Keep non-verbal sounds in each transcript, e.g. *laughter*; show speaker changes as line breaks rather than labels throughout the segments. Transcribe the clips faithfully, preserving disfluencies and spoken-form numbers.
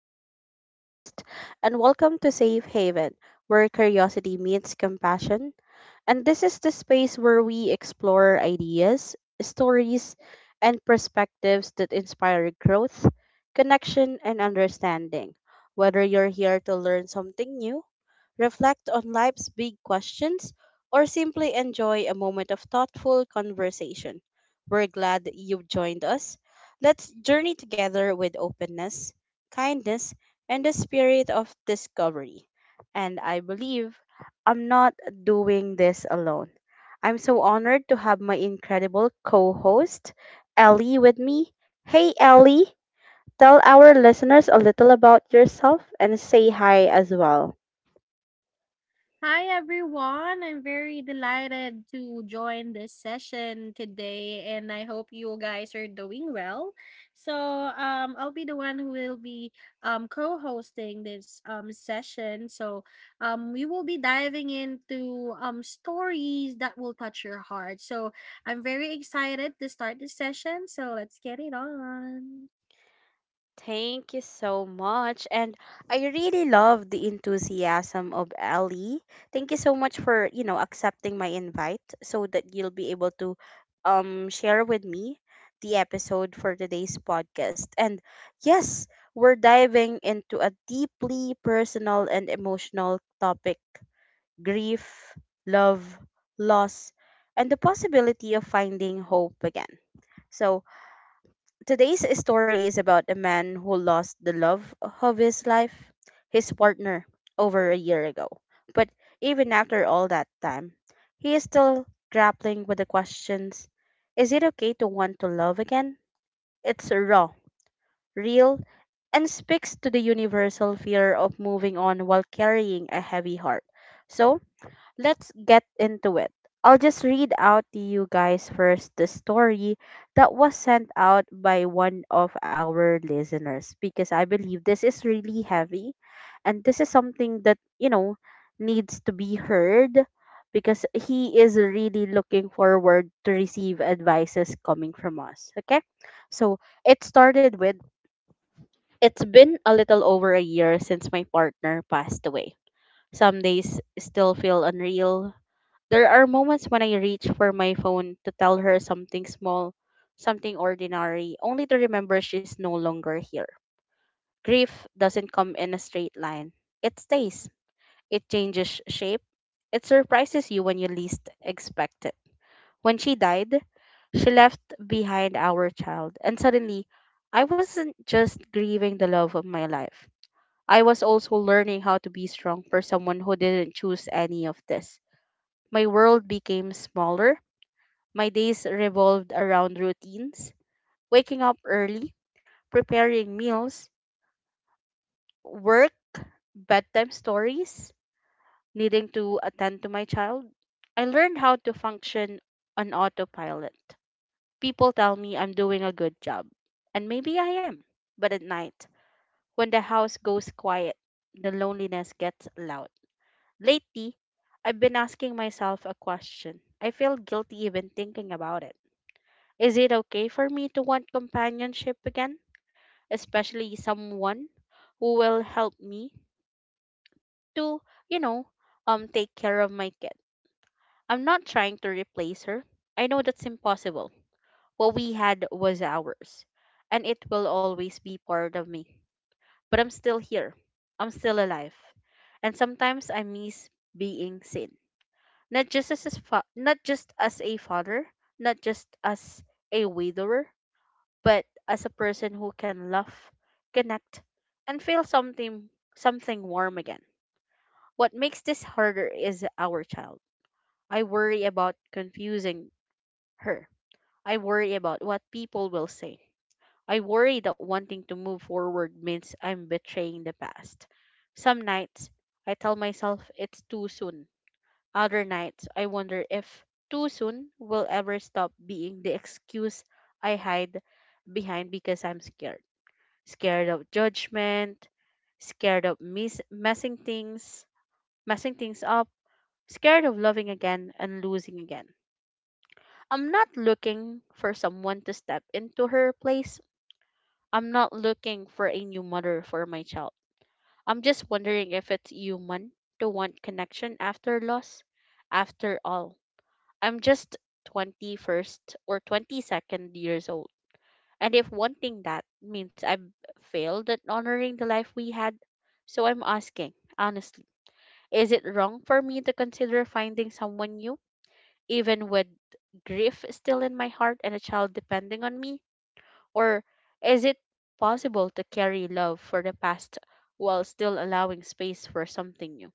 Taya, your host, and welcome to Safe Haven, where curiosity meets compassion. And this is the space where we explore ideas, stories, and perspectives that inspire growth, connection, and understanding. Whether you're here to learn something new, reflect on life's big questions, or simply enjoy a moment of thoughtful conversation, we're glad that you've joined us. Let's journey together with openness, kindness, and the spirit of discovery. And I believe I'm not doing this alone. I'm so honored to have my incredible co host, Ellie, with me. Hey, Ellie, tell our listeners a little about yourself and say hi as well.
Hi everyone. I'm very delighted to join this session today and I hope you guys are doing well. So, um I'll be the one who will be um co-hosting this um session. So, um we will be diving into um stories that will touch your heart. So, I'm very excited to start this session. So, let's get it on.
Thank you so much. And I really love the enthusiasm of Ellie. Thank you so much for, you know, accepting my invite so that you'll be able to um share with me the episode for today's podcast. And yes, we're diving into a deeply personal and emotional topic, grief, love, loss, and the possibility of finding hope again. So, today's story is about a man who lost the love of his life, his partner, over a year ago. But even after all that time, he is still grappling with the questions Is it okay to want to love again? It's raw, real, and speaks to the universal fear of moving on while carrying a heavy heart. So, let's get into it. I'll just read out to you guys first the story that was sent out by one of our listeners because I believe this is really heavy and this is something that, you know, needs to be heard because he is really looking forward to receive advices coming from us. Okay? So it started with: It's been a little over a year since my partner passed away. Some days still feel unreal. There are moments when I reach for my phone to tell her something small, something ordinary, only to remember she's no longer here. Grief doesn't come in a straight line. It stays. It changes shape. It surprises you when you least expect it. When she died, she left behind our child, and suddenly, I wasn't just grieving the love of my life. I was also learning how to be strong for someone who didn't choose any of this. My world became smaller. My days revolved around routines, waking up early, preparing meals, work, bedtime stories, needing to attend to my child. I learned how to function on autopilot. People tell me I'm doing a good job, and maybe I am. But at night, when the house goes quiet, the loneliness gets loud. Lately, I've been asking myself a question. I feel guilty even thinking about it. Is it okay for me to want companionship again? Especially someone who will help me to, you know, um take care of my kid. I'm not trying to replace her. I know that's impossible. What we had was ours, and it will always be part of me. But I'm still here. I'm still alive. And sometimes I miss being seen. Not just as a fa- not just as a father, not just as a widower, but as a person who can love, connect, and feel something something warm again. What makes this harder is our child. I worry about confusing her. I worry about what people will say. I worry that wanting to move forward means I'm betraying the past. Some nights I tell myself it's too soon. Other nights I wonder if too soon will ever stop being the excuse I hide behind, because I'm scared scared of judgment, scared of mis- messing things, messing things up, scared of loving again and losing again. I'm not looking for someone to step into her place. I'm not looking for a new mother for my child. I'm just wondering if it's human to want connection after loss. After all, I'm just twenty-first or twenty-second years old. And if wanting that means I've failed at honoring the life we had, so I'm asking, honestly, is it wrong for me to consider finding someone new, even with grief still in my heart and a child depending on me? Or is it possible to carry love for the past while still allowing space for something new?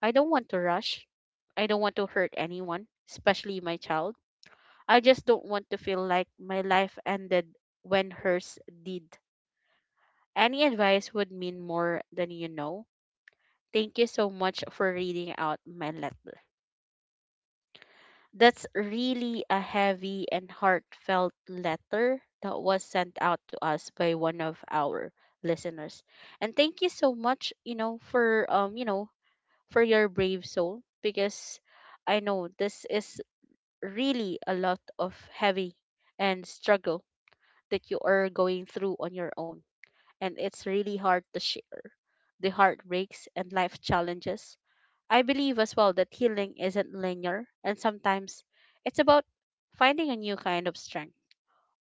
I don't want to rush. I don't want to hurt anyone, especially my child. I just don't want to feel like my life ended when hers did. Any advice would mean more than you know. Thank you so much for reading out my letter. That's really a heavy and heartfelt letter that was sent out to us by one of our listeners. And thank you so much, you know, for um, you know, for your brave soul, because I know this is really a lot of heavy and struggle that you are going through on your own, and it's really hard to share. The heartbreaks and life challenges. I believe as well that healing isn't linear, and sometimes it's about finding a new kind of strength,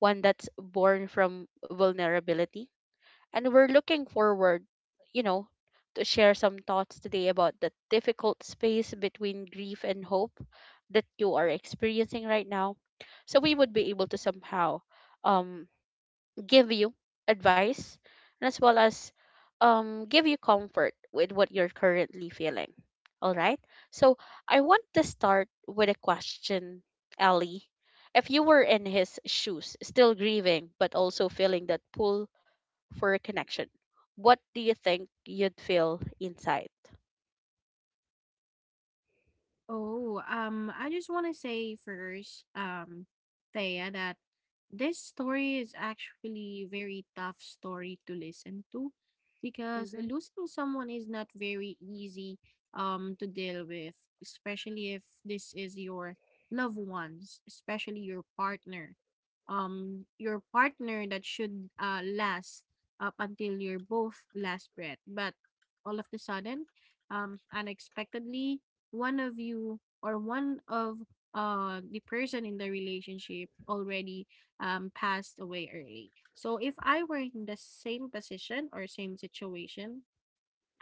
one that's born from vulnerability. And we're looking forward, you know, to share some thoughts today about the difficult space between grief and hope that you are experiencing right now. So we would be able to somehow um give you advice, and as well as um, give you comfort with what you're currently feeling. All right. So I want to start with a question, Ellie. If you were in his shoes, still grieving, but also feeling that pull for a connection, what do you think you'd feel inside?
Oh, um, I just want to say first, um, Thea, that this story is actually very tough story to listen to because
Mm-hmm.
losing someone is not very easy um to deal with, especially if this is your loved ones, especially your partner. Um, your partner that should uh last up until your both last breath, but all of the sudden, um, unexpectedly one of you or one of uh the person in the relationship already um passed away early. So if I were in the same position or same situation,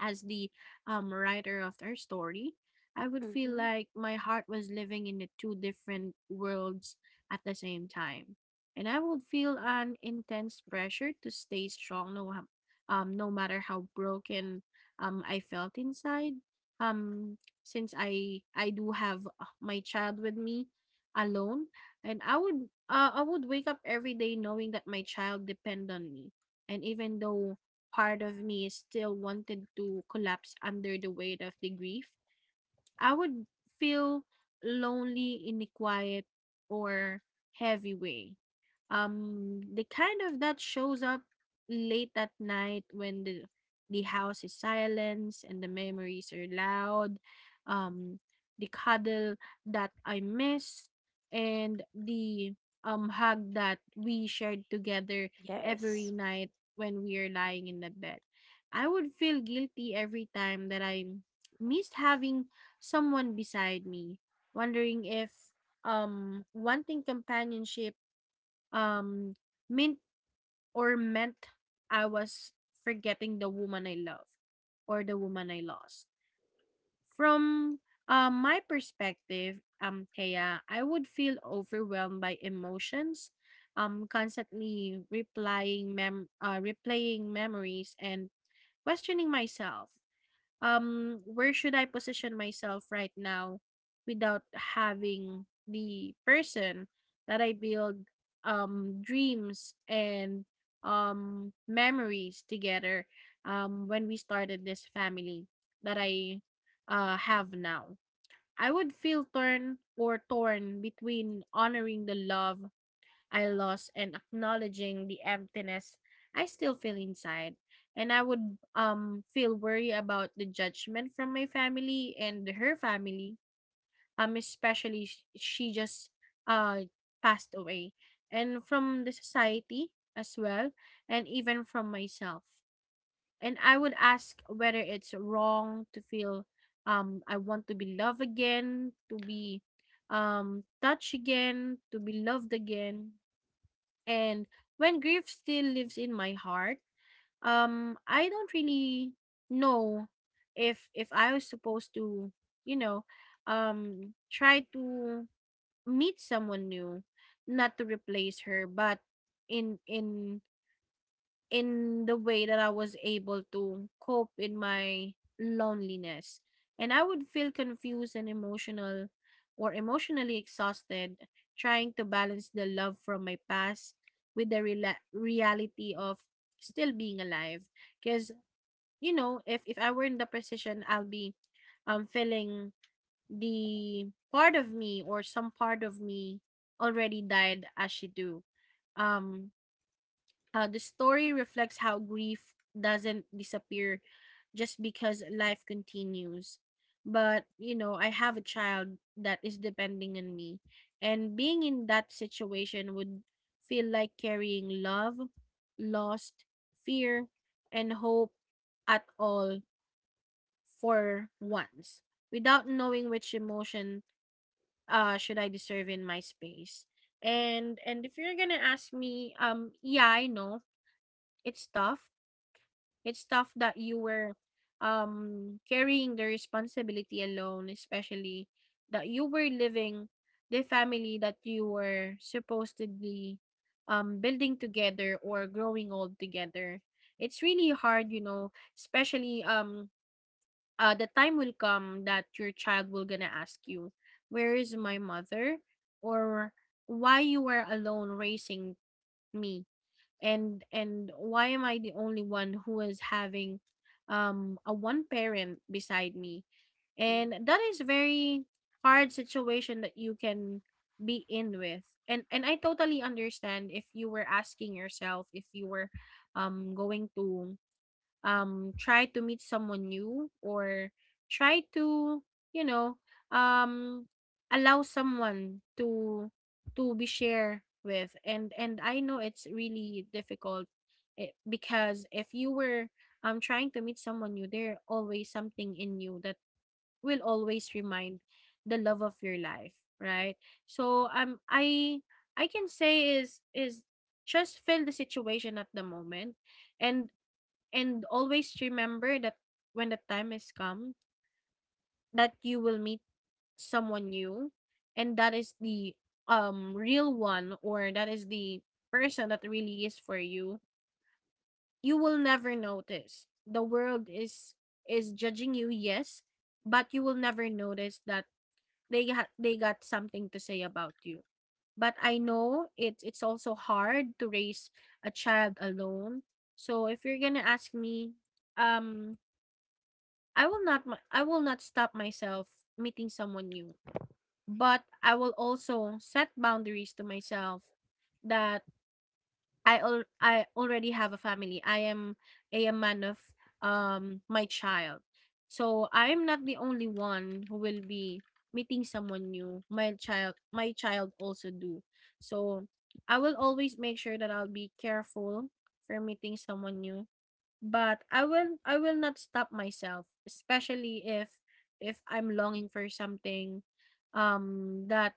as the um, writer of our story, I would feel
Mm-hmm.
like my heart was living in the two different worlds at the same time. And I would feel an intense pressure to stay strong no, ha- um, no matter how broken um, I felt inside. Um, since I I do have uh, my child with me alone, and I would uh, I would wake up every day knowing that my child depend on me. And even though part of me still wanted to collapse under the weight of the grief, I would feel lonely in a quiet or heavy way. Um, the kind of that shows up late at night when the the house is silent and the memories are loud. Um, the cuddle that I miss and the um hug that we shared together every
Yes.
night when we are lying in the bed. I would feel guilty every time that I missed having someone beside me, wondering if um wanting companionship um, meant or meant I was forgetting the woman I love or the woman I lost. From uh, my perspective, um, Thea, I would feel overwhelmed by emotions, um, constantly replying mem- uh, replaying memories and questioning myself um where should I position myself right now without having the person that I build um dreams and um memories together um when we started this family that I uh have now. I would feel torn or torn between honoring the love I lost and acknowledging the emptiness I still feel inside. And I would um feel worry about the judgment from my family and her family. Um especially sh- she just uh passed away and from the society as well and even from myself. And I would ask whether it's wrong to feel um I want to be loved again, to be um touched again, to be loved again and when grief still lives in my heart, um, I don't really know if if I was supposed to, you know, um, try to meet someone new, not to replace her, but in in in the way that I was able to cope in my loneliness. And I would feel confused and emotional or emotionally exhausted trying to balance the love from my past with the rela- reality of still being alive because you know if if I were in the position I'll be um feeling the part of me or some part of me already died as she do um how the story reflects how grief doesn't disappear just because life continues. But, you know, I have a child that is depending on me. And being in that situation would feel like carrying love, lost, fear, and hope at all for once without knowing which emotion uh should I deserve in my space. And and if you're gonna ask me, um, yeah, I know it's tough. It's tough that you were um carrying the responsibility alone, especially that you were living the family that you were supposedly um building together or growing old together. It's really hard, you know, especially um uh, the time will come that your child will gonna ask you, where is my mother? Or why you were alone raising me? and and why am I the only one who is having um a one parent beside me,
Mm.
and that is very hard situation that you can be in with. And and I totally understand if you were asking yourself if you were um going to um try to meet someone new or try to, you know, um allow someone to to be share with. And and I know it's really difficult it, because if you were um trying to meet someone new there always something in you that will always remind the love of your life, right? So um i i can say is is just feel the situation at the moment, and and always remember that when the time is come that you will meet someone new and that is the um real one or that is the person that really is for you, you will never notice. The world is is judging you, yes, but you will never notice that they ha- they got something to say about you. But I know it's it's also hard to raise a child alone. So if you're gonna ask me, um, I will not my I will not stop myself meeting someone new, but I will also set boundaries to myself that I al- I already have a family. I am a man of um my child. So I am not the only one who will be meeting someone new. My child my child also do. So I will always make sure that I'll be careful for meeting someone new but I will I will not stop myself, especially if if I'm longing for something um that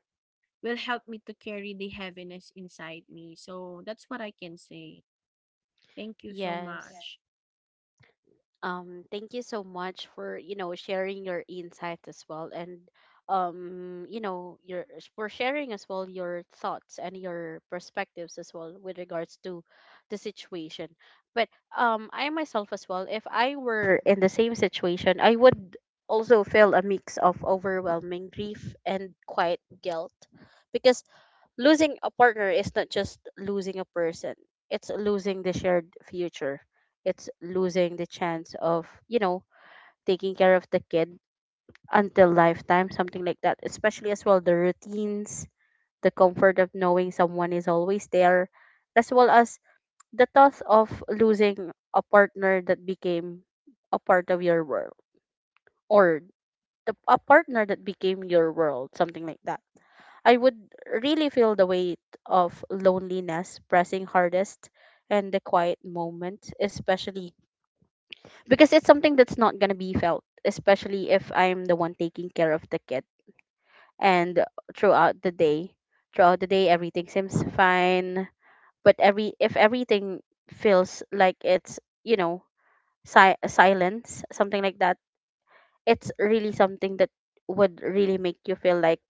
will help me to carry the heaviness inside me. So that's what I can say. Thank you so Yeah.
Yes.
much.
Um, thank you so much for, you know, sharing your insights as well, and um, you know, your for sharing as well your thoughts and your perspectives as well with regards to the situation. But um I myself as well, if I were in the same situation, I would also feel a mix of overwhelming grief and quiet guilt, because losing a partner is not just losing a person. It's losing the shared future. It's losing the chance of, you know, taking care of the kid until lifetime, something like that. Especially as well the routines, the comfort of knowing someone is always there, as well as the thought of losing a partner that became a part of your world, or the, a partner that became your world, something like that. I would really feel the weight of loneliness pressing hardest in the quiet moment, especially because it's something that's not going to be felt, especially if I'm the one taking care of the kid. And throughout the day, throughout the day, everything seems fine. But every if everything feels like it's, you know, si- silence, something like that, it's really something that would really make you feel like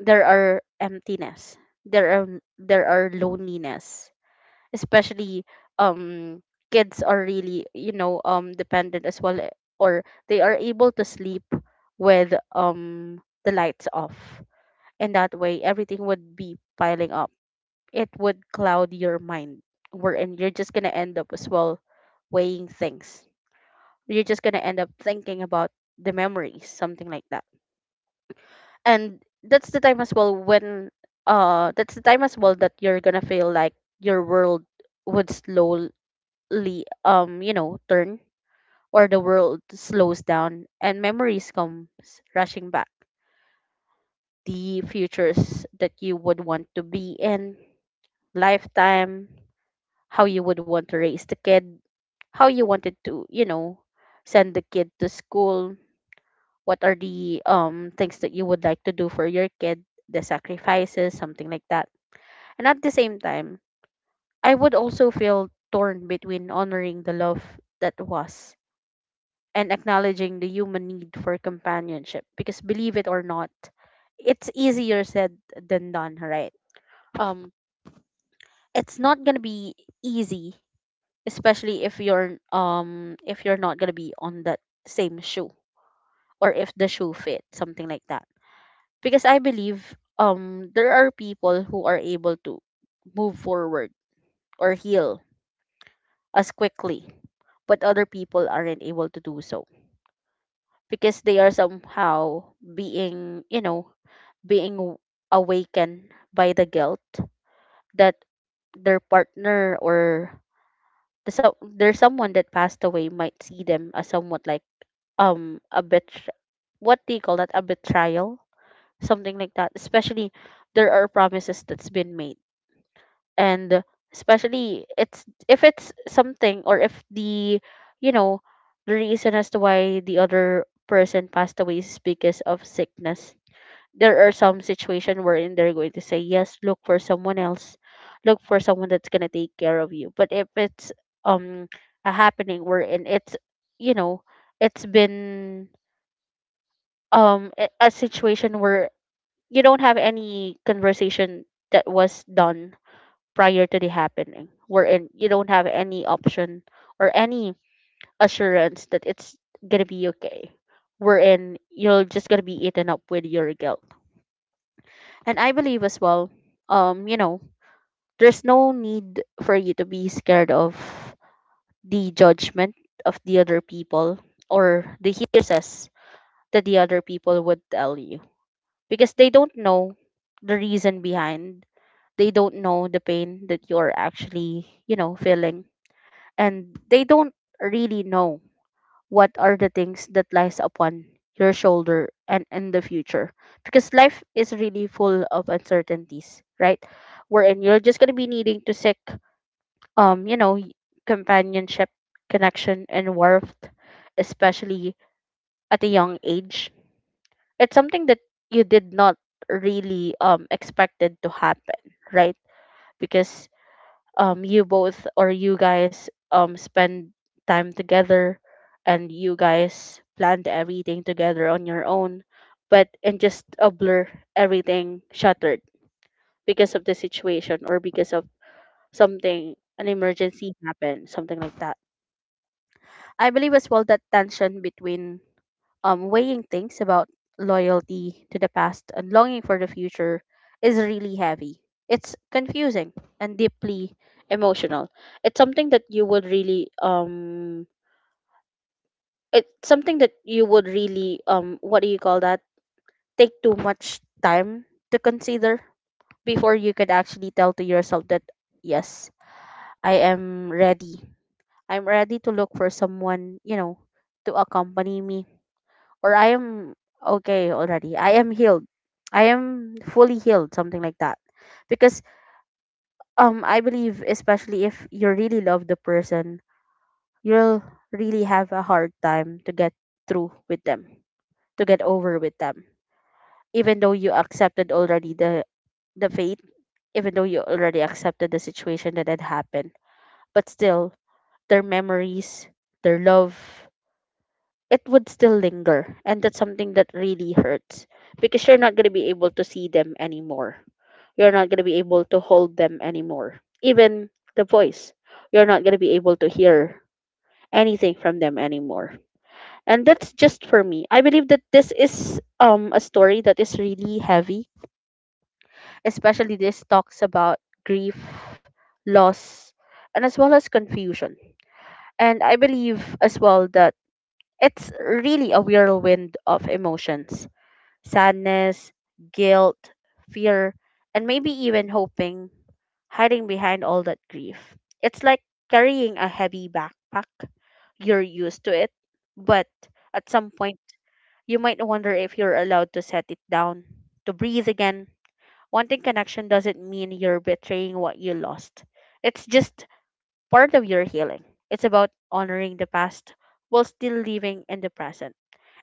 there are emptiness, there are there are loneliness, especially um kids are really, you know um dependent as well, eh, or they are able to sleep with um the lights off, and that way everything would be piling up. It would cloud your mind, wherein you're just gonna end up as well weighing things. You're just gonna end up thinking about the memories, something like that. And that's the time as well when uh that's the time as well that you're gonna feel like your world would slowly, um you know turn, or the world slows down and memories comes rushing back, the futures that you would want to be in lifetime, how you would want to raise the kid, how you wanted to, you know send the kid to school, what are the um things that you would like to do for your kid, the sacrifices, something like that. And at the same time, I would also feel torn between honoring the love that was and acknowledging the human need for companionship. Because believe it or not, it's easier said than done, right? Um, it's not gonna be easy, especially if you're, um if you're not gonna be on that same shoe, or if the shoe fit, something like that. Because I believe um there are people who are able to move forward or heal as quickly, but other people aren't able to do so because they are somehow being, you know, being w- awakened by the guilt that their partner or the so there's someone that passed away might see them as somewhat like um a bit, what do you call that, a betrayal, something like that. Especially there are promises that's been made, and especially it's if it's something, or if the, you know the reason as to why the other person passed away is because of sickness, there are some situation wherein they're going to say, yes, look for someone else, look for someone that's going to take care of you. But if it's um a happening wherein it's you know it's been um a a situation where you don't have any conversation that was done prior to the happening, wherein you don't have any option or any assurance that it's gonna be okay, wherein you're just gonna be eaten up with your guilt. And I believe as well, um you know there's no need for you to be scared of the judgment of the other people or the hearsays that the other people would tell you, because they don't know the reason behind. They don't know the pain that you're actually, you know, feeling. And they don't really know what are the things that lies upon your shoulder and in the future, because life is really full of uncertainties, right? Wherein you're just going to be needing to seek um you know y- companionship, connection and warmth, especially at a young age. It's something that you did not really um expected to happen, right? Because um you both, or you guys, um spend time together, and you guys planned everything together on your own, but in just a blur, everything shattered because of the situation, or because of something, an emergency happened, something like that. I believe as well that tension between, um, weighing things about loyalty to the past and longing for the future, is really heavy. It's confusing and deeply emotional. It's something that you would really um it's something that you would really um what do you call that? Take too much time to consider before you could actually tell to yourself that, yes, I am ready. I'm ready to look for someone, you know, to accompany me, or I am okay already. I am healed. I am fully healed, something like that. Because um I believe, especially if you really love the person, you'll really have a hard time to get through with them, to get over with them. Even though you accepted already the the fate, even though you already accepted the situation that had happened. But still their memories, their love, it would still linger. And that's something that really hurts, because you're not going to be able to see them anymore. You're not going to be able to hold them anymore. Even the voice, you're not going to be able to hear anything from them anymore. And that's just for me. I believe that this is um a story that is really heavy, especially this talks about grief, loss, and as well as confusion. And I believe as well that it's really a whirlwind of emotions: sadness, guilt, fear, and maybe even hoping, hiding behind all that grief. It's like carrying a heavy backpack. You're used to it, but at some point, you might wonder if you're allowed to set it down, to breathe again. Wanting connection doesn't mean you're betraying what you lost. It's just part of your healing. It's about honoring the past while still living in the present.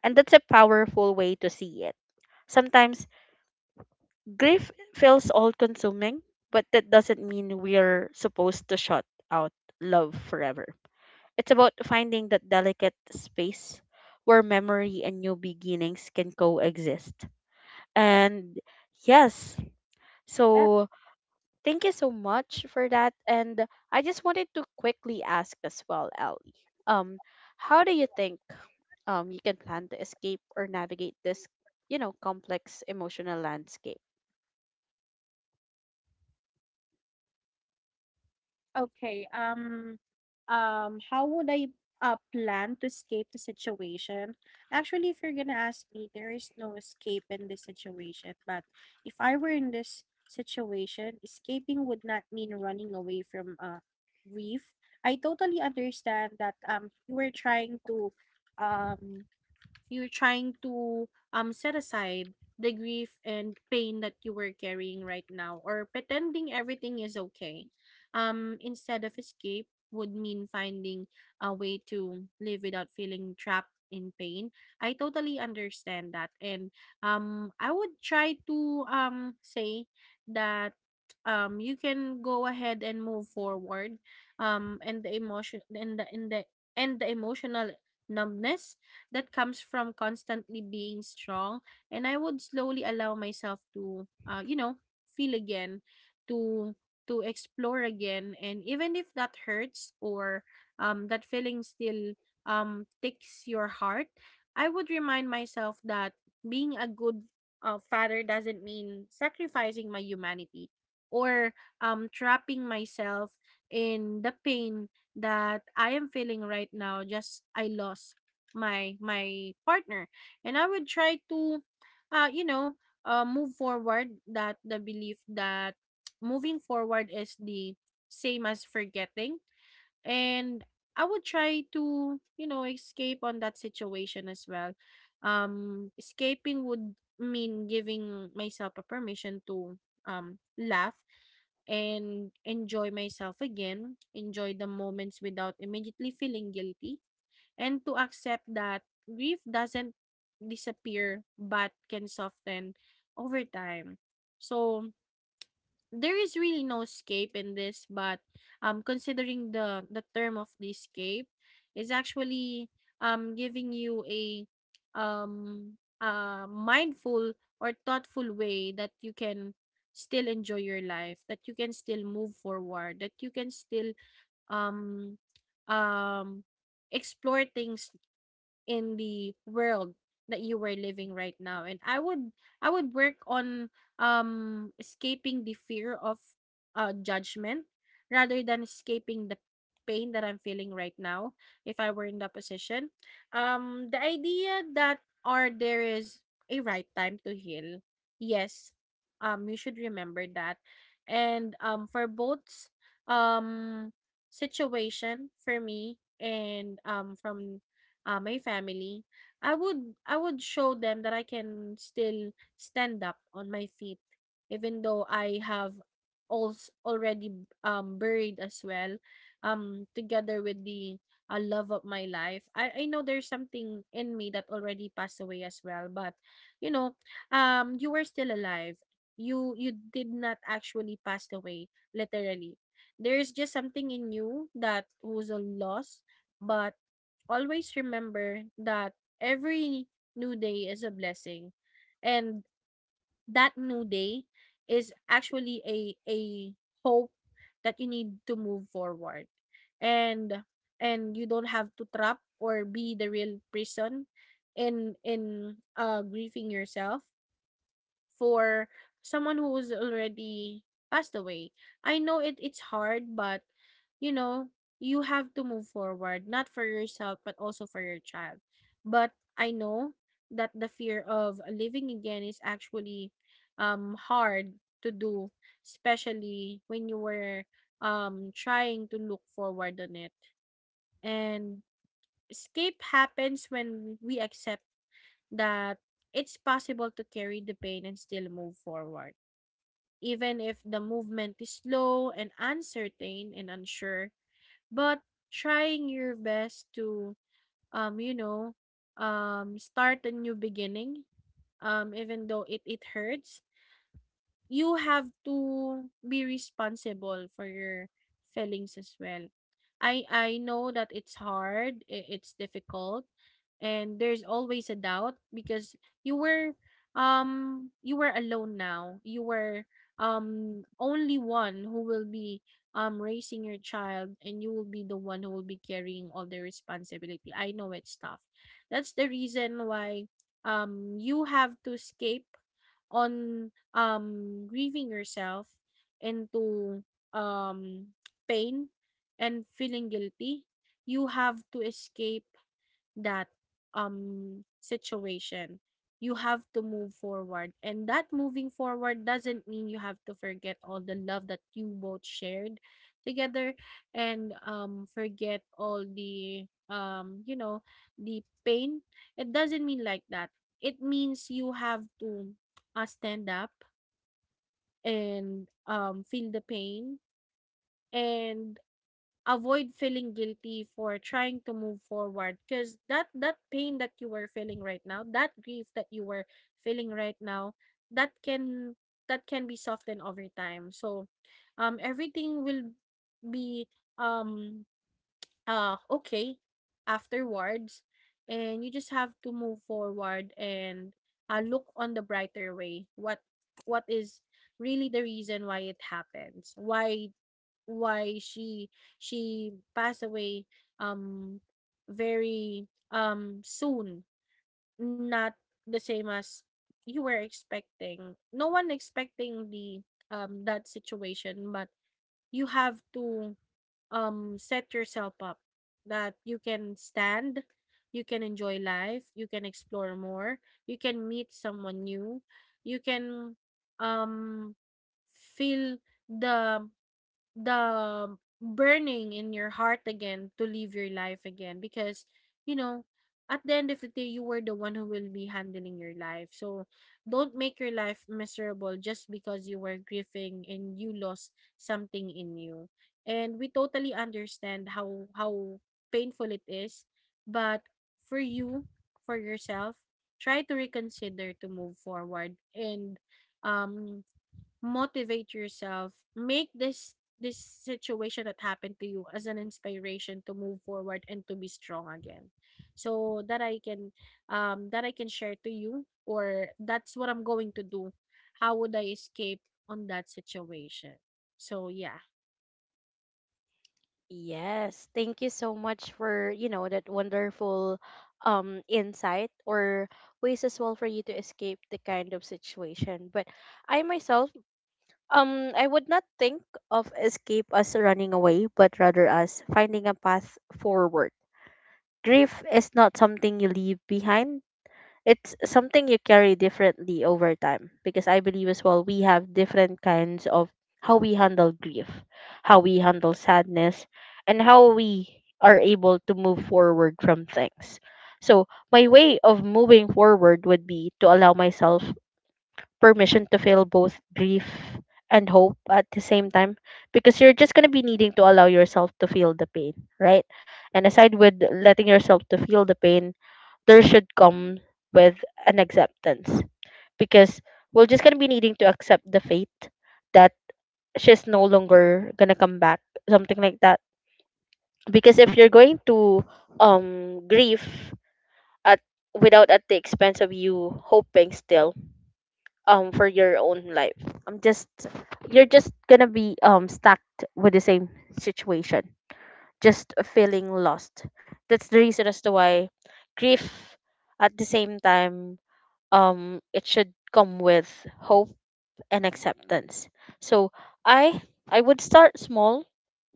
And that's a powerful way to see it. Sometimes grief feels all consuming, but that doesn't mean we're supposed to shut out love forever. It's about finding that delicate space where memory and new beginnings can coexist. And yes, so thank you so much for that. And I just wanted to quickly ask as well, Ellie. Um, how do you think um you can plan to escape or navigate this, you know, complex emotional landscape?
Okay, um, um, how would I uh, plan to escape the situation? Actually, if you're gonna ask me, there is no escape in this situation. But if I were in this situation, escaping would not mean running away from a grief. I totally understand that um you were trying to um you're trying to um set aside the grief and pain that you were carrying right now or pretending everything is okay. Um, instead of escape would mean finding a way to live without feeling trapped in pain. I totally understand that and um I would try to um say that um you can go ahead and move forward um and the emotion and the, and the and the emotional numbness that comes from constantly being strong, and I would slowly allow myself to uh, you know, feel again, to to explore again, and even if that hurts or um, that feeling still um, ticks your heart, I would remind myself that being a good uh, father doesn't mean sacrificing my humanity or um, trapping myself in the pain that I am feeling right now. Just I lost my my partner, and I would try to uh you know, uh move forward that the belief that *tsk* moving forward is the same as forgetting, and I would try to, you know, escape on that situation as well. Um escaping would mean giving myself a permission to um laugh and enjoy myself again, enjoy the moments without immediately feeling guilty, and to accept that grief doesn't disappear but can soften over time. So there is really no escape in this, but um considering the the term of the escape is actually um giving you a um uh mindful or thoughtful way that you can still enjoy your life, that you can still move forward, that you can still um um explore things in the world that you were living right now. And i would i would work on um escaping the fear of uh judgment rather than escaping the pain that I'm feeling right now. If I were in that position, um the idea that or there is a right time to heal, yes, um you should remember that. And um for both um situation for me and um from uh, my family, I would I would show them that I can still stand up on my feet, even though I have also already um buried as well, um together with the uh, love of my life. I I know there's something in me that already passed away as well, but you know, um you were still alive. You you did not actually pass away literally. There is just something in you that was a loss, but always remember that every new day is a blessing, and that new day is actually a a hope that you need to move forward, and and you don't have to trap or be the real prison in in uh grieving yourself for someone who's already passed away. I know it it's hard, but you know, you have to move forward, not for yourself, but also for your child. But I know that the fear of living again is actually um hard to do, especially when you were um trying to look forward on it. And escape happens when we accept that it's possible to carry the pain and still move forward, even if the movement is slow and uncertain and unsure. But trying your best to, um, you know, um, start a new beginning, um, even though it, it hurts, you have to be responsible for your feelings as well. I I know that it's hard, i- it's difficult, and there's always a doubt because you were um you were alone now. You were um only one who will be um raising your child and you will be the one who will be carrying all the responsibility. I know it's tough. That's the reason why um you have to escape on, um, grieving yourself into, um, pain and feeling guilty, you have to escape that um situation, you have to move forward, and that moving forward doesn't mean you have to forget all the love that you both shared together and um forget all the um you know the pain. It doesn't mean like that. It means you have to uh, stand up and um feel the pain and avoid feeling guilty for trying to move forward, because that that pain that you were feeling right now, that grief that you were feeling right now, that can that can be softened over time. So, um, everything will be um uh okay afterwards, and you just have to move forward and uh, look on the brighter way, what what is really the reason why it happens, why why she she passed away um very um soon, not the same as you were expecting. No one expecting the um that situation, but you have to um, set yourself up, that you can stand, you can enjoy life, you can explore more, you can meet someone new, you can um, feel the the burning in your heart again to live your life again, because you know at the end of the day you were the one who will be handling your life, so don't make your life miserable just because you were grieving and you lost something in you. And we totally understand how how painful it is, but for you, for yourself, try to reconsider to move forward and um motivate yourself, make this this situation that happened to you as an inspiration to move forward and to be strong again, so that I can um that I can share to you, or that's what I'm going to do, how would I escape on that situation. So yeah.
Yes, thank you so much for, you know, that wonderful um insight or ways as well for you to escape the kind of situation. But I myself, um, I would not think of escape as running away, but rather as finding a path forward. Grief is not something you leave behind, it's something you carry differently over time, because I believe as well we have different kinds of how we handle grief, how we handle sadness, and how we are able to move forward from things. So, my way of moving forward would be to allow myself permission to feel both grief and hope at the same time, because you're just going to be needing to allow yourself to feel the pain, right? And aside with letting yourself to feel the pain, there should come with an acceptance, because we're just gonna be needing to accept the fate that she's no longer gonna come back, something like that. Because if you're going to um grieve at without at the expense of you hoping still um for your own life, I'm just you're just gonna be um stuck with the same situation, just feeling lost. That's the reason as to why grief at the same time um it should come with hope and acceptance. So i i would start small,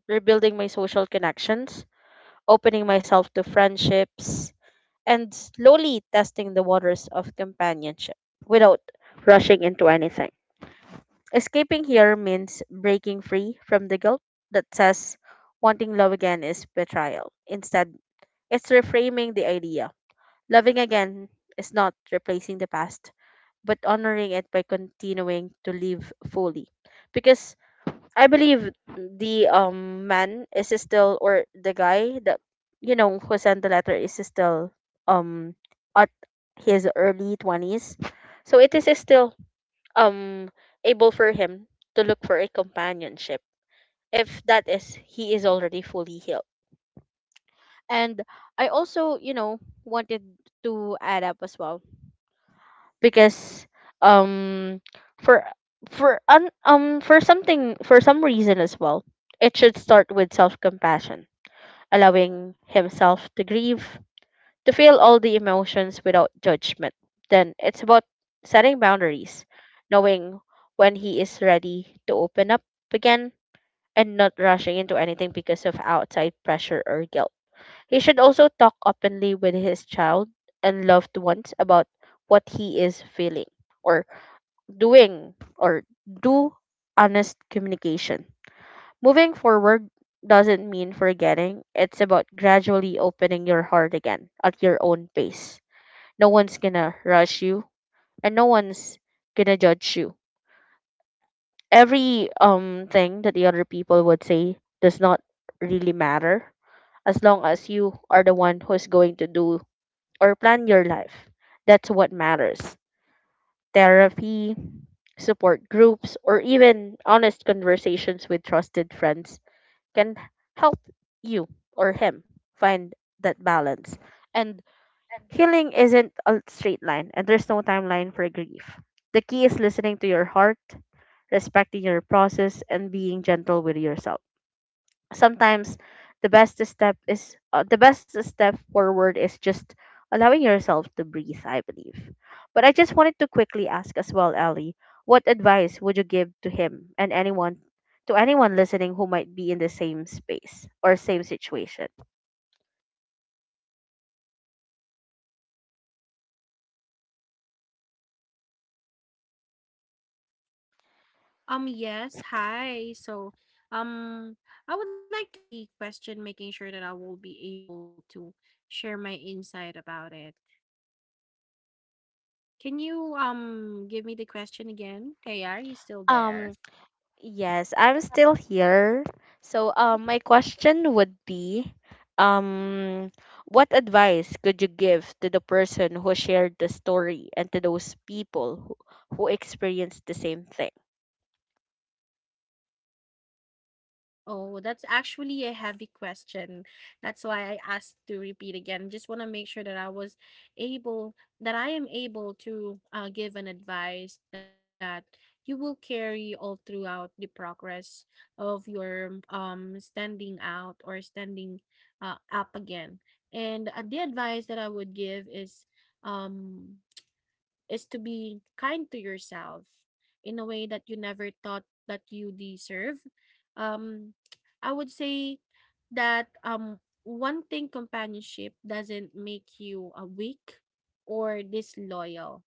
rebuilding my social connections, opening myself to friendships, and slowly testing the waters of companionship without rushing into anything. Escaping here means breaking free from the guilt that says wanting love again is betrayal. Instead, it's reframing the idea: loving again is not replacing the past, but honoring it by continuing to live fully. Because I believe the um man is still, or the guy that, you know, who sent the letter is still um at his early twenties. So it is still um able for him to look for a companionship if that is he is already fully healed. And I also, you know, wanted to add up as well, because um for for un, um for something, for some reason as well, it should start with self-compassion, allowing himself to grieve, to feel all the emotions without judgment. Then it's about setting boundaries, knowing when he is ready to open up again, and not rushing into anything because of outside pressure or guilt. He should also talk openly with his child and loved ones about what he is feeling, or doing, or do honest communication. Moving forward doesn't mean forgetting, it's about gradually opening your heart again at your own pace. No one's gonna rush you, and no one's gonna judge you. Every um thing that the other people would say does not really matter, as long as you are the one who's going to do or plan your life. That's what matters. Therapy, support groups, or even honest conversations with trusted friends can help you or him find that balance. And healing isn't
And
a straight line, and there's no timeline for grief. The key is listening to your heart, respecting your process, and being gentle with yourself. Sometimes the best step is uh, the best step forward is just allowing yourself to breathe, I believe. But I just wanted to quickly ask as well, Ellie, what advice would you give to him and anyone, to anyone listening who might be in the same space or same situation?
um yes, hi, so um I would like to hear again the question, making sure that I will be able to share my insight about it. Can you um give me the question again? Hey, are you still there?
um Yes, I'm still here. So, um, my question would be, um, what advice could you give to the person who shared the story and to those people who, who experienced the same thing?
Oh, that's actually a heavy question. That's why I asked to repeat again. Just want to make sure that I was able, that I am able to uh, give an advice that you will carry all throughout the progress of your um standing out or standing uh, up again. And uh, the advice that I would give is um is to be kind to yourself in a way that you never thought that you deserve. Um, I would say that um, one thing, companionship doesn't make you a weak or disloyal.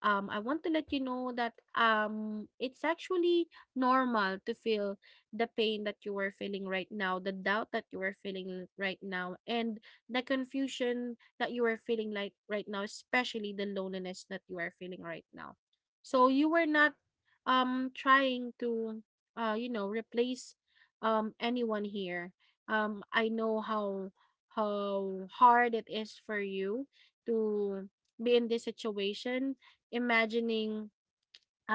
um, I want to let you know that um, it's actually normal to feel the pain that you are feeling right now, the doubt that you are feeling right now, and the confusion that you are feeling like right now, especially the loneliness that you are feeling right now. So you were not um, trying to, uh, you know, replace um, anyone here. Um, I know how how hard it is for you to be in this situation, imagining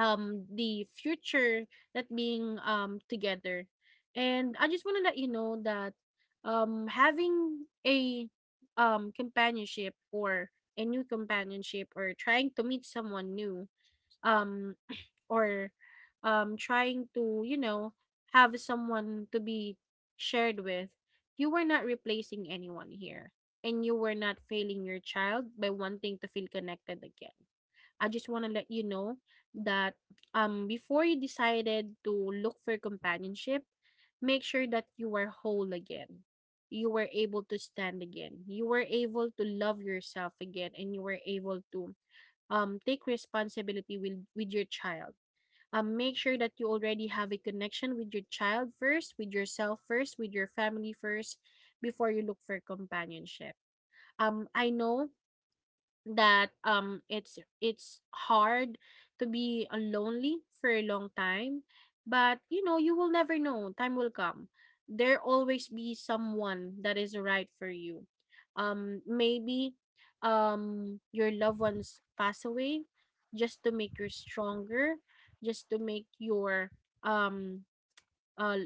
um the future, that being um together. And I just want to let you know that um having a um companionship or a new companionship, or trying to meet someone new um or um trying to, you know, have someone to be shared with, you were not replacing anyone here. And you were not failing your child by wanting to feel connected again. I just want to let you know that um before you decided to look for companionship, make sure that you were whole again. You were able to stand again. You were able to love yourself again, and you were able to um take responsibility with with your child. um, make sure that you already have a connection with your child first, with yourself first, with your family first, before you look for companionship. Um, I know that um it's it's hard to be uh, lonely for a long time, but you know you will never know, time will come, there always be someone that is right for you. um maybe um your loved ones pass away just to make you stronger, just to make your um uh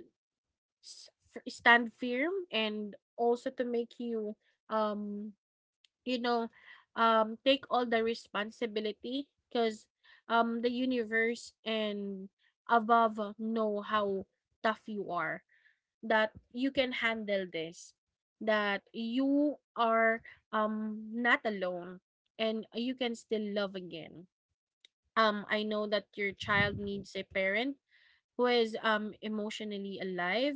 s- f- stand firm, and also to make you um you know, um, take all the responsibility, because um, the universe and above know how tough you are, that you can handle this, that you are um, not alone, and you can still love again. Um, I know that your child needs a parent who is um emotionally alive,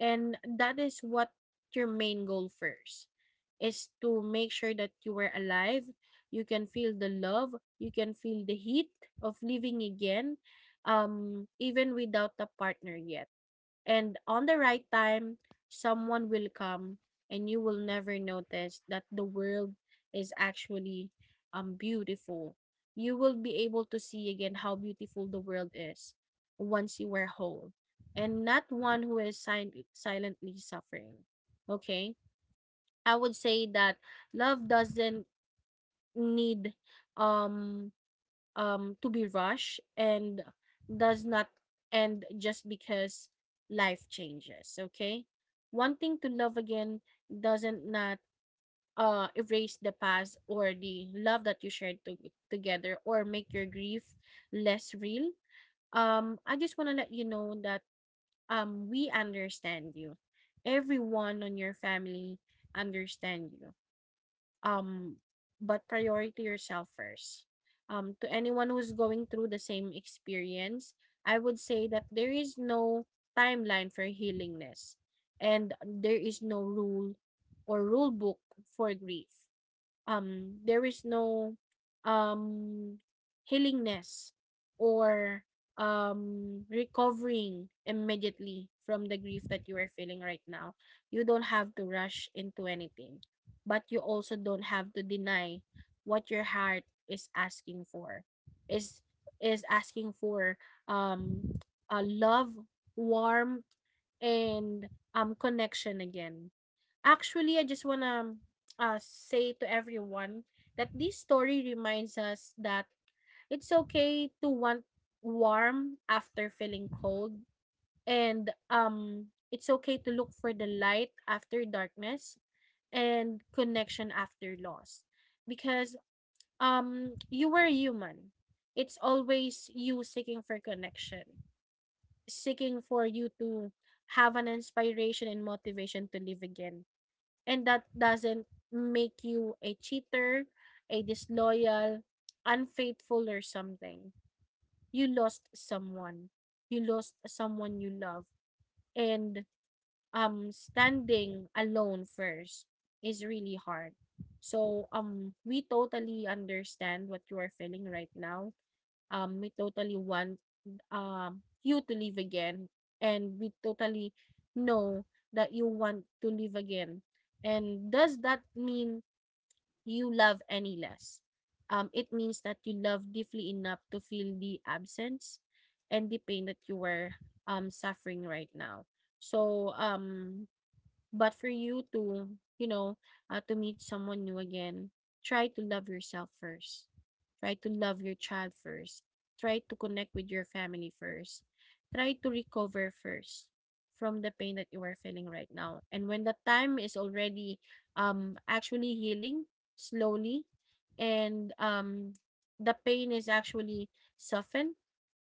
and that is what your main goal first is, to make sure that you were alive, you can feel the love, you can feel the heat of living again, um even without a partner yet. And on the right time, someone will come, and you will never notice that the world is actually um beautiful. You will be able to see again how beautiful the world is once you are whole and not one who is sil- silently suffering. Okay? I would say that love doesn't need um um, to be rushed and does not end just because life changes. Okay, wanting to love again doesn't not uh erase the past or the love that you shared to- together, or make your grief less real. Um, I just want to let you know that um we understand you. Everyone on your family understand you. Um, but priority yourself first. Um, to anyone who's going through the same experience, I would say that there is no timeline for healingness, and there is no rule or rule book for grief. um there is no um healingness or um recovering immediately from the grief that you are feeling right now. You don't have to rush into anything, but you also don't have to deny what your heart is asking for, is is asking for um a love, warmth, and um connection again. Actually, I just wanna uh, say to everyone that this story reminds us that it's okay to want warm after feeling cold, and um, it's okay to look for the light after darkness, and connection after loss, because um, you were human. It's always you seeking for connection, seeking for you to have an inspiration and motivation to live again, and that doesn't make you a cheater, a disloyal, unfaithful, or something. You lost someone. You lost someone you love, and um standing alone first is really hard. So um we totally understand what you are feeling right now. um, we totally want, um, you to live again, and we totally know that you want to live again. And does that mean you love any less? Um, it means that you love deeply enough to feel the absence and the pain that you were um, suffering right now. So, um, but for you to, you know, uh, to meet someone new again, try to love yourself first. Try to love your child first. Try to connect with your family first. Try to recover first from the pain that you are feeling right now. And when the time is already um actually healing slowly, and um the pain is actually softened,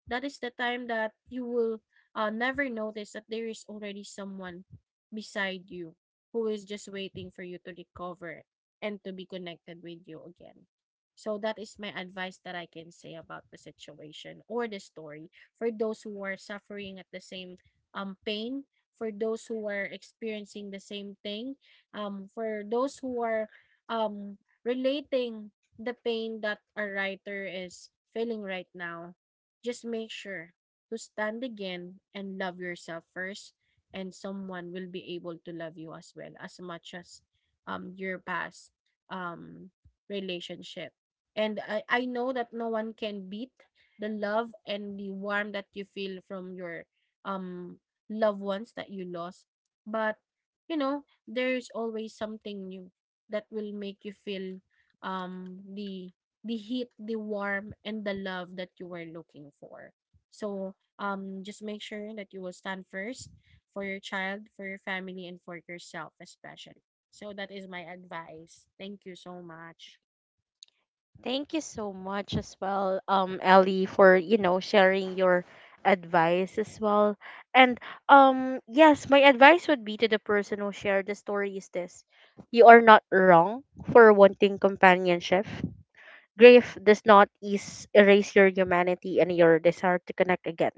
that is the time that you will uh, never notice that there is already someone beside you who is just waiting for you to recover and to be connected with you again. So that is my advice that I can say about the situation or the story, for those who are suffering at the same um pain, for those who are experiencing the same thing, um for those who are um relating the pain that a writer is feeling right now. Just make sure to stand again and love yourself first, and someone will be able to love you as well as much as um your past um relationship. And i i know that no one can beat the love and the warmth that you feel from your um loved ones that you lost. But you know there's always something new that will make you feel um the the heat, the warm, and the love that you were looking for. So um just make sure that you will stand first for your child, for your family, and for yourself, especially. So that is my advice. Thank you so much.
Thank you so much as well, um, Ellie, for, you know, sharing your advice as well. And um, yes, my advice would be to the person who shared the story is this. You are not wrong for wanting companionship. Grief does not ease, erase your humanity and your desire to connect again.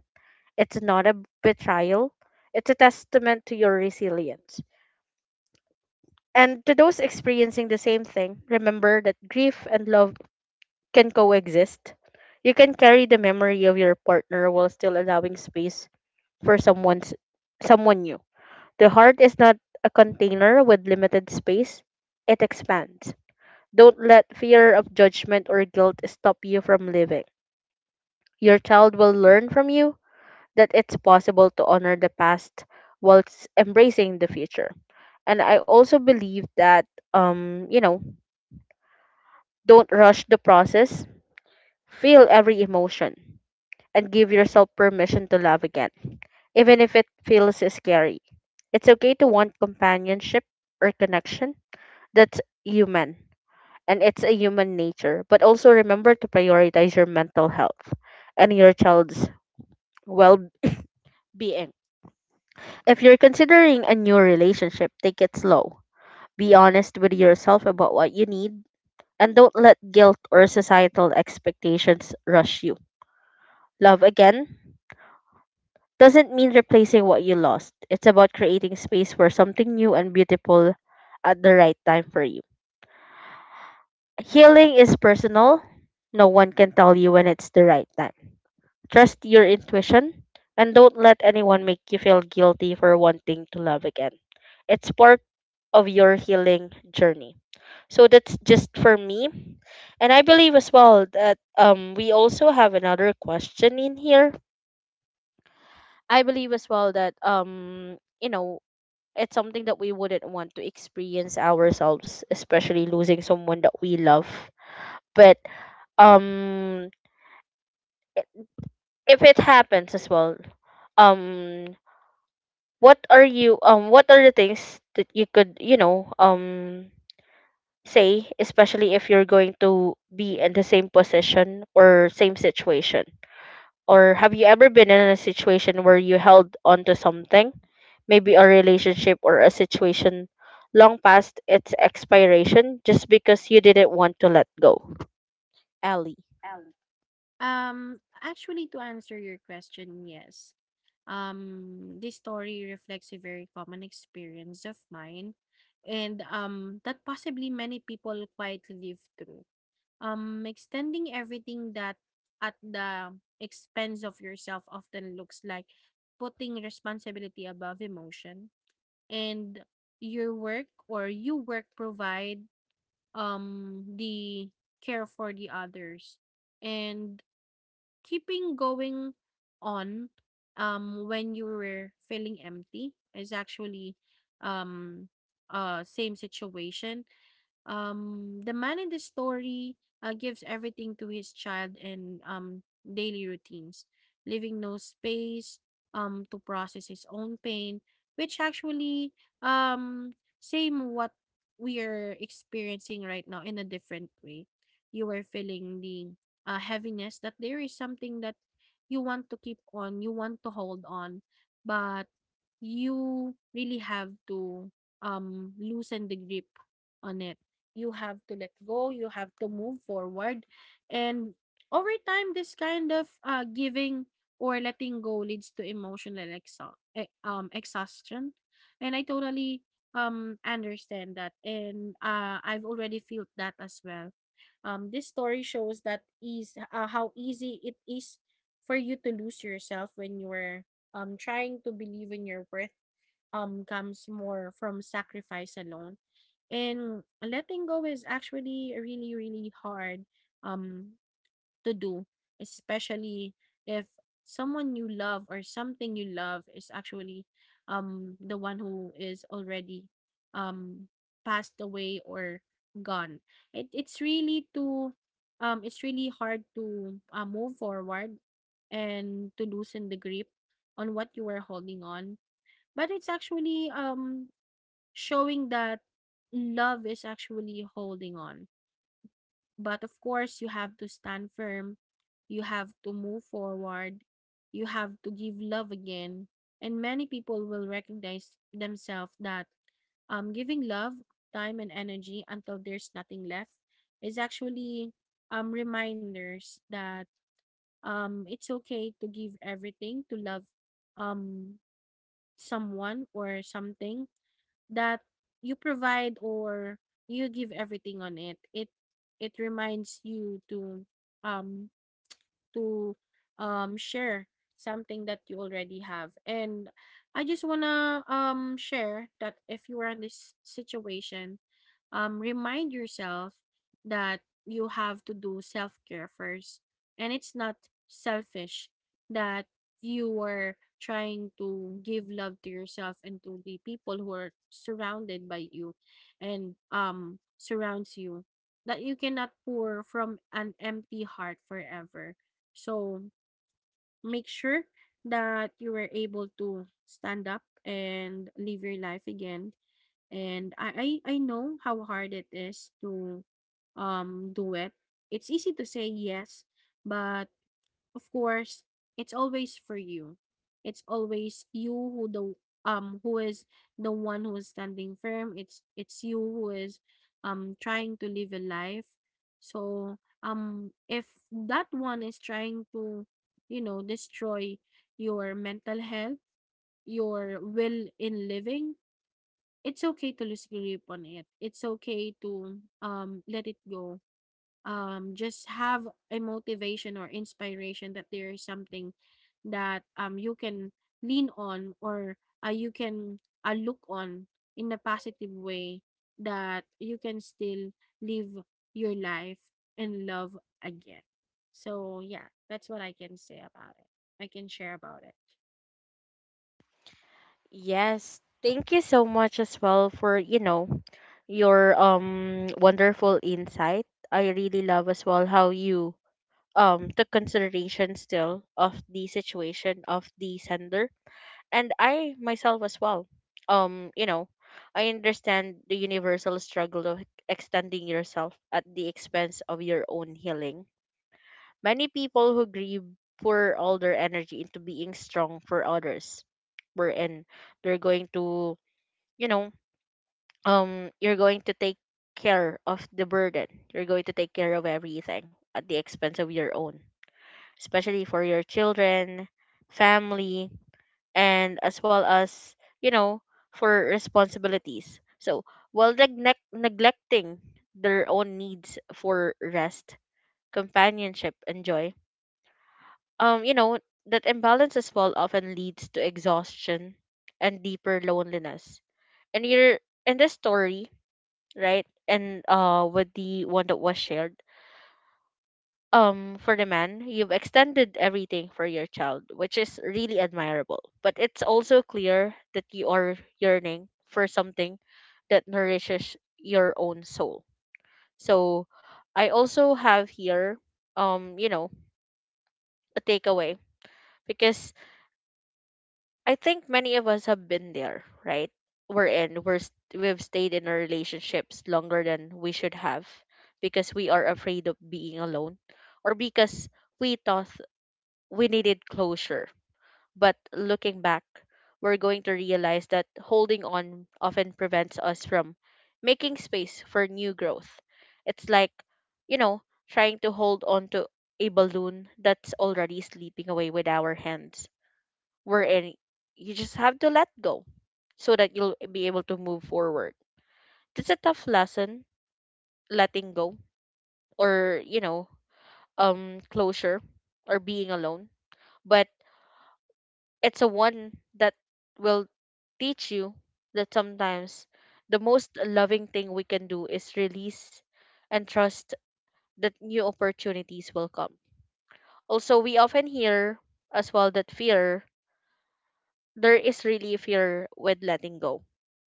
It's not a betrayal, it's a testament to your resilience. And to those experiencing the same thing, remember that grief and love can coexist. You can carry the memory of your partner while still allowing space for someone's, someone new. The heart is not a container with limited space, it expands. Don't let fear of judgment or guilt stop you from living. Your child will learn from you that it's possible to honor the past whilst embracing the future. And I also believe that, um, you know, don't rush the process, feel every emotion, and give yourself permission to love again, even if it feels scary. It's okay to want companionship or connection. That's human, and it's a human nature. But also remember to prioritize your mental health and your child's well being. If you're considering a new relationship, take it slow. Be honest with yourself about what you need, and don't let guilt or societal expectations rush you. Love again doesn't mean replacing what you lost. It's about creating space for something new and beautiful at the right time for you. Healing is personal. No one can tell you when it's the right time. Trust your intuition, and don't let anyone make you feel guilty for wanting to love again. It's part of your healing journey. So that's just for me. And I believe as well that um we also have another question in here. I believe as well that um you know it's something that we wouldn't want to experience ourselves, especially losing someone that we love. But um i- if it happens as well, um what are you, um what are the things that you could, you know, um say, especially if you're going to be in the same position or same situation? Or have you ever been in a situation where you held on to something, maybe a relationship or a situation long past its expiration just because you didn't want to let go? Ellie.
Ellie. Um, actually, to answer your question, yes. Um, this story reflects a very common experience of mine, and um, that possibly many people quite live through. Um, extending everything that at the expense of yourself often looks like putting responsibility above emotion, and your work or you work provide um the care for the others, and keeping going on um when you were feeling empty is actually um uh same situation. um, the man in the story uh, gives everything to his child and um, daily routines, leaving no space um, to process his own pain, which actually um, same what we are experiencing right now in a different way. You are feeling the uh, heaviness that there is something that you want to keep on, you want to hold on, but you really have to um, loosen the grip on it. You have to let go, you have to move forward, and over time this kind of uh, giving or letting go leads to emotional exa- e- um, exhaustion, and I totally um understand that, and uh, I've already felt that as well. um this story shows that is uh, how easy it is for you to lose yourself when you're um trying to believe in your worth um comes more from sacrifice alone. And letting go is actually really, really hard um to do, especially if someone you love or something you love is actually um the one who is already um passed away or gone. It it's really to um it's really hard to uh, move forward and to loosen the grip on what you were holding on. But it's actually um showing that love is actually holding on. But of course, you have to stand firm, you have to move forward, you have to give love again. And many people will recognize themselves that um, giving love, time, and energy until there's nothing left is actually um, reminders that um, it's okay to give everything to love um, someone or something that you provide or you give everything on it it it reminds you to um to um share something that you already have. And I just want to um share that if you are in this situation, um, remind yourself that you have to do self care first. And it's not selfish that you were trying to give love to yourself and to the people who are surrounded by you and um surrounds you, that you cannot pour from an empty heart forever. So make sure that you were able to stand up and live your life again. And I, I I know how hard it is to um do it. It's easy to say yes, but of course it's always for you. It's always you who the um who is the one who is standing firm. It's it's you who is um trying to live a life. So um if that one is trying to you know destroy your mental health, your will in living, it's okay to lose grip on it. It's okay to um let it go. Um just have a motivation or inspiration that there is something that um you can lean on, or uh, you can uh, look on in a positive way, that you can still live your life and love again. So yeah, that's what I can say about it. I can share about it.
Yes, thank you so much as well for, you know, your um wonderful insight. I really love as well how you um took consideration still of the situation of the sender and I myself as well. Um, you know, I understand the universal struggle of extending yourself at the expense of your own healing. Many people who grieve pour all their energy into being strong for others, wherein they're going to, you know, um, you're going to take care of the burden. You're going to take care of everything at the expense of your own, especially for your children, family, and as well as, you know, for responsibilities, so while neglect neglecting their own needs for rest, companionship, and joy, um you know that imbalance as well often leads to exhaustion and deeper loneliness. And you're in this story, right? And uh with the one that was shared, um for the man, you've extended everything for your child, which is really admirable, but it's also clear that you are yearning for something that nourishes your own soul. So I also have here, um you know a takeaway, because I think many of us have been there, right? We're in we're st- we've stayed in our relationships longer than we should have because we are afraid of being alone, or because we thought we needed closure. But looking back, we're going to realize that holding on often prevents us from making space for new growth. It's like, you know, trying to hold on to a balloon that's already slipping away with our hands. We're in, you just have to let go so that you'll be able to move forward. It's a tough lesson, letting go or, you know, um closure or being alone, but it's a one that will teach you that sometimes the most loving thing we can do is release and trust that new opportunities will come. Also, we often hear as well that fear, there is really fear with letting go.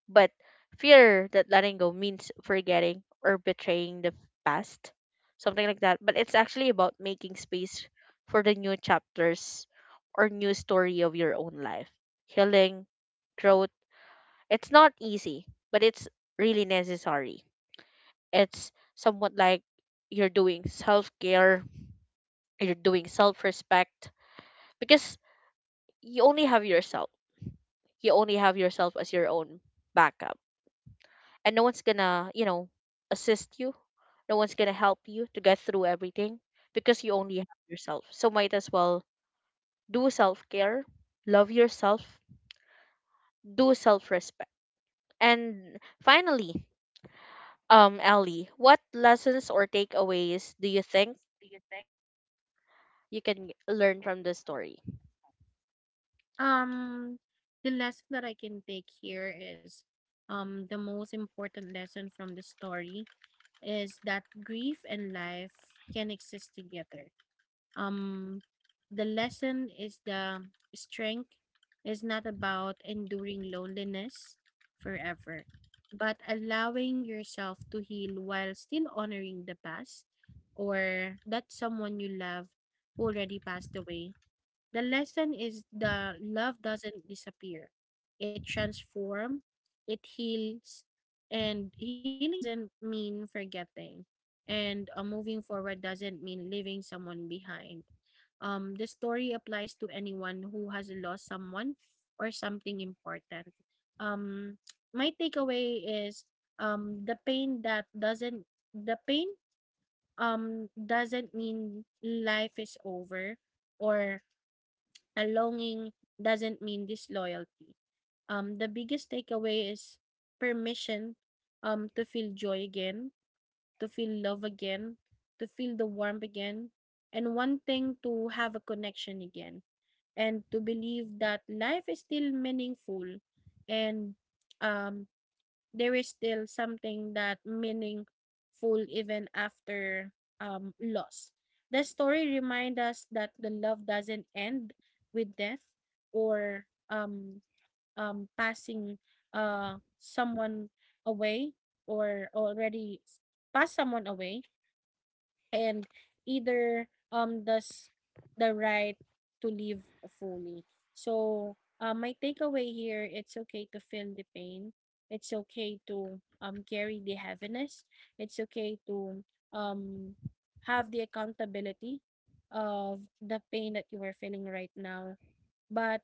But fear that letting go means forgetting or betraying the past, something like that. But it's actually about making space for the new chapters or new story of your own life. Healing, growth, it's not easy, but it's really necessary. It's somewhat like you're doing self care, you're doing self respect, because you only have yourself. You only have yourself as your own backup. And no one's gonna, you know, assist you. No one's gonna help you to get through everything because you only have yourself. So might as well do self care, love yourself, do self respect. And finally, Um, Ellie, what lessons or takeaways do you think you can learn from this story?
Um, the lesson that I can take here is um the most important lesson from the story is that grief and life can exist together. Um, the lesson is the strength is not about enduring loneliness forever, but allowing yourself to heal while still honoring the past or that someone you love who already passed away. The lesson is the love doesn't disappear. It transforms, it heals, and healing doesn't mean forgetting. And uh, moving forward doesn't mean leaving someone behind. Um, the story applies to anyone who has lost someone or something important. Um, my takeaway is um, the pain that doesn't the pain um doesn't mean life is over, or and longing doesn't mean disloyalty. Um, the biggest takeaway is permission um, to feel joy again, to feel love again, to feel the warmth again, and one thing to have a connection again, and to believe that life is still meaningful and um, there is still something that meaningful even after um loss. The story reminds us that the love doesn't end with death or um um passing uh someone away, or already s- pass someone away, and either um does the right to live fully. So uh, my takeaway here: it's okay to feel the pain. It's okay to um carry the heaviness. It's okay to um have the accountability of the pain that you are feeling right now. But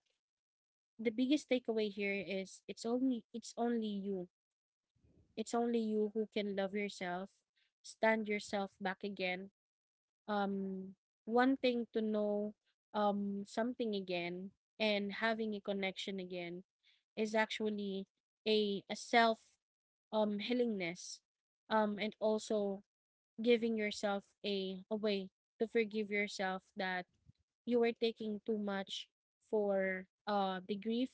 the biggest takeaway here is it's only it's only you. It's only you who can love yourself, stand yourself back again, um, wanting to know um, something again, and having a connection again is actually a, a self um, healingness, um, and also giving yourself a, a way to forgive yourself that you were taking too much for uh, the grief,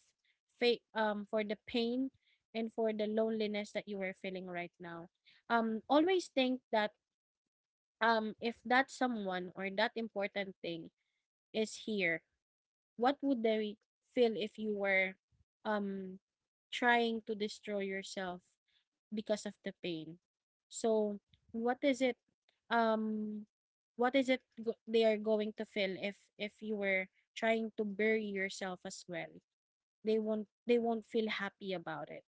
fa- um, for the pain, and for the loneliness that you were feeling right now. Um, always think that um, if that someone or that important thing is here, what would they feel if you were um, trying to destroy yourself because of the pain? So, what is it? Um, what is it go- they are going to feel if if you were trying to bury yourself as well? They won't they won't feel happy about it.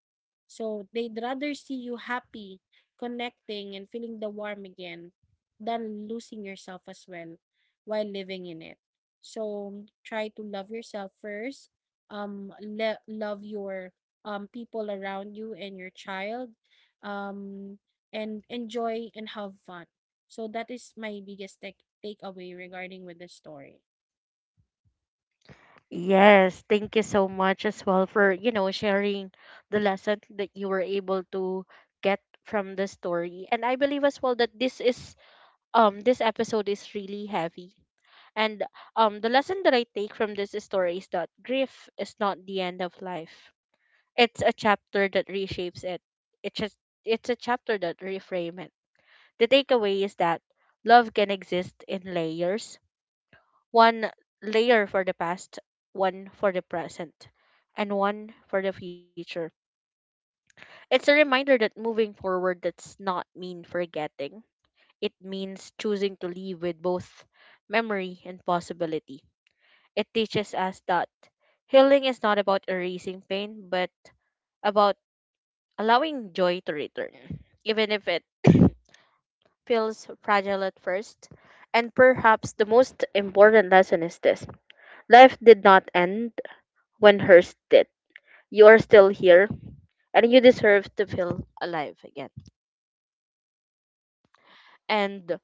So they'd rather see you happy, connecting, and feeling the warm again than losing yourself as well while living in it. So try to love yourself first. Um, le- love your um, people around you and your child. Um, and enjoy and have fun. So that is my biggest take takeaway regarding with the story.
Yes, thank you so much as well for, you know, sharing the lesson that you were able to get from the story. And I believe as well that this is um this episode is really heavy. And um the lesson that I take from this story is that grief is not the end of life. It's a chapter that reshapes it. It's just it's a chapter that reframes it. The takeaway is that love can exist in layers, one layer for the past, one for the present, and one for the future. It's a reminder that moving forward does not mean forgetting, it means choosing to live with both memory and possibility. It teaches us that healing is not about erasing pain, but about allowing joy to return, even if it *coughs* feels fragile at first. And perhaps the most important lesson is this: life did not end when hers did. You are still here and you deserve to feel alive again. And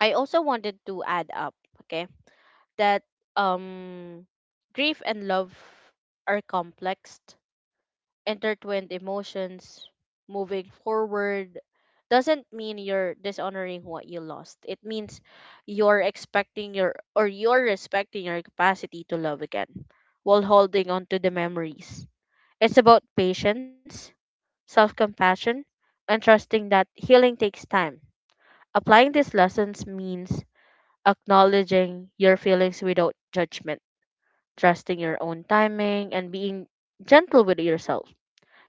I also wanted to add up, okay, that um grief and love are complex, intertwined emotions. Moving forward doesn't mean you're dishonoring what you lost, it means you're expecting your or you're respecting your capacity to love again while holding on to the memories. It's about patience, self-compassion, and trusting that healing takes time. Applying these lessons means acknowledging your feelings without judgment, trusting your own timing, and being gentle with yourself,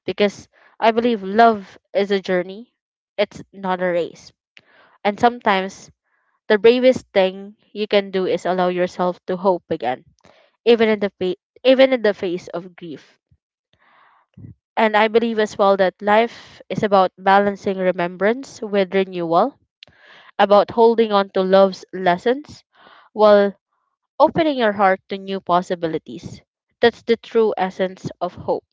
because I believe love is a journey, it's not a race. And sometimes the bravest thing you can do is allow yourself to hope again, even in the fa- even in the face of grief. And I believe as well that life is about balancing remembrance with renewal, about holding on to love's lessons while opening your heart to new possibilities. That's the true essence of hope.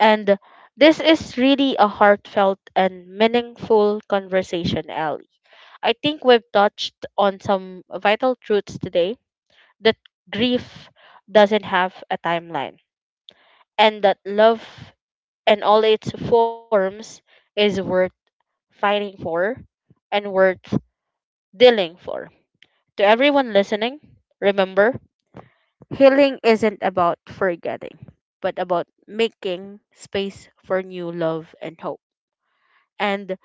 And this is really a heartfelt and meaningful conversation, Ellie. I think we've touched on some vital truths today, that grief doesn't have a timeline, and that love in all its forms is worth fighting for and worth dealing for. To everyone listening, remember, healing isn't about forgetting, but about making space for new love and hope. And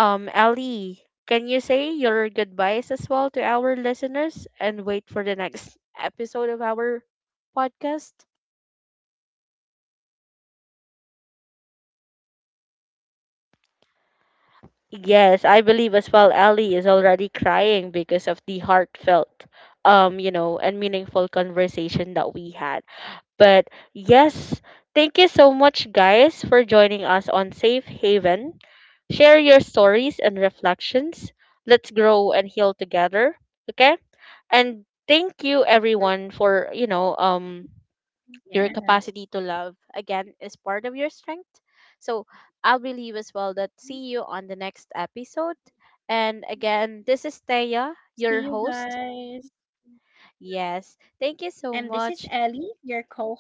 Um, Ellie, can you say your goodbyes as well to our listeners and wait for the next episode of our podcast? Yes, I believe as well Ellie is already crying because of the heartfelt, um, you know, and meaningful conversation that we had. But yes, thank you so much, guys, for joining us on Safe Haven. Share your stories and reflections. Let's grow and heal together. Okay? And thank you, everyone, for, you know, um,
Yes.
your capacity to love, again, is part of your strength. So I believe as well that see you on the next episode. And again, this is
See you
Thea, your
guys.
host. Yes,
And
thank
this
you
is
so
Ellie,
much.
your co host.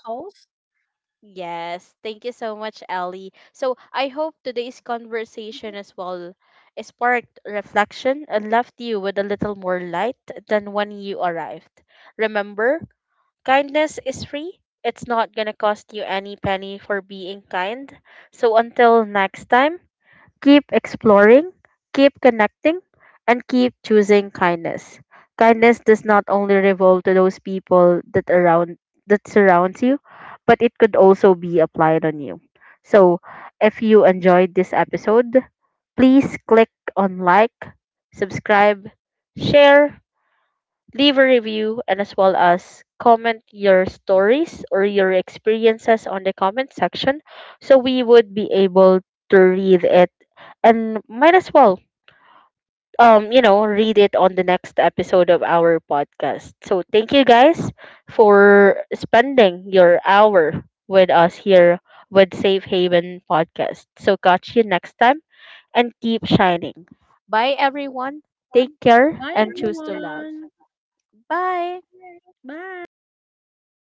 Yes, thank you so much, Ellie. So I hope today's conversation as well eh, sparked reflection and left you with a little more light than when you arrived. Remember, kindness is free. It's not gonna cost you any penny for being kind. So until next time, keep exploring, keep connecting, and keep choosing kindness. Kindness does not only revolve to those people that around that surrounds you, but it could also be applied on you. So, if you enjoyed this episode, please click on like, subscribe, share, leave a review, and as well as comment your stories or your experiences on the comment section so we would be able to read it, and might as well um you know read it on the next episode of our podcast. So thank you guys for spending your hour with us here with Safe Haven podcast. So catch you next time and keep shining. Bye everyone, take
Bye,
care and choose to love.
everyone.
Bye.
Bye.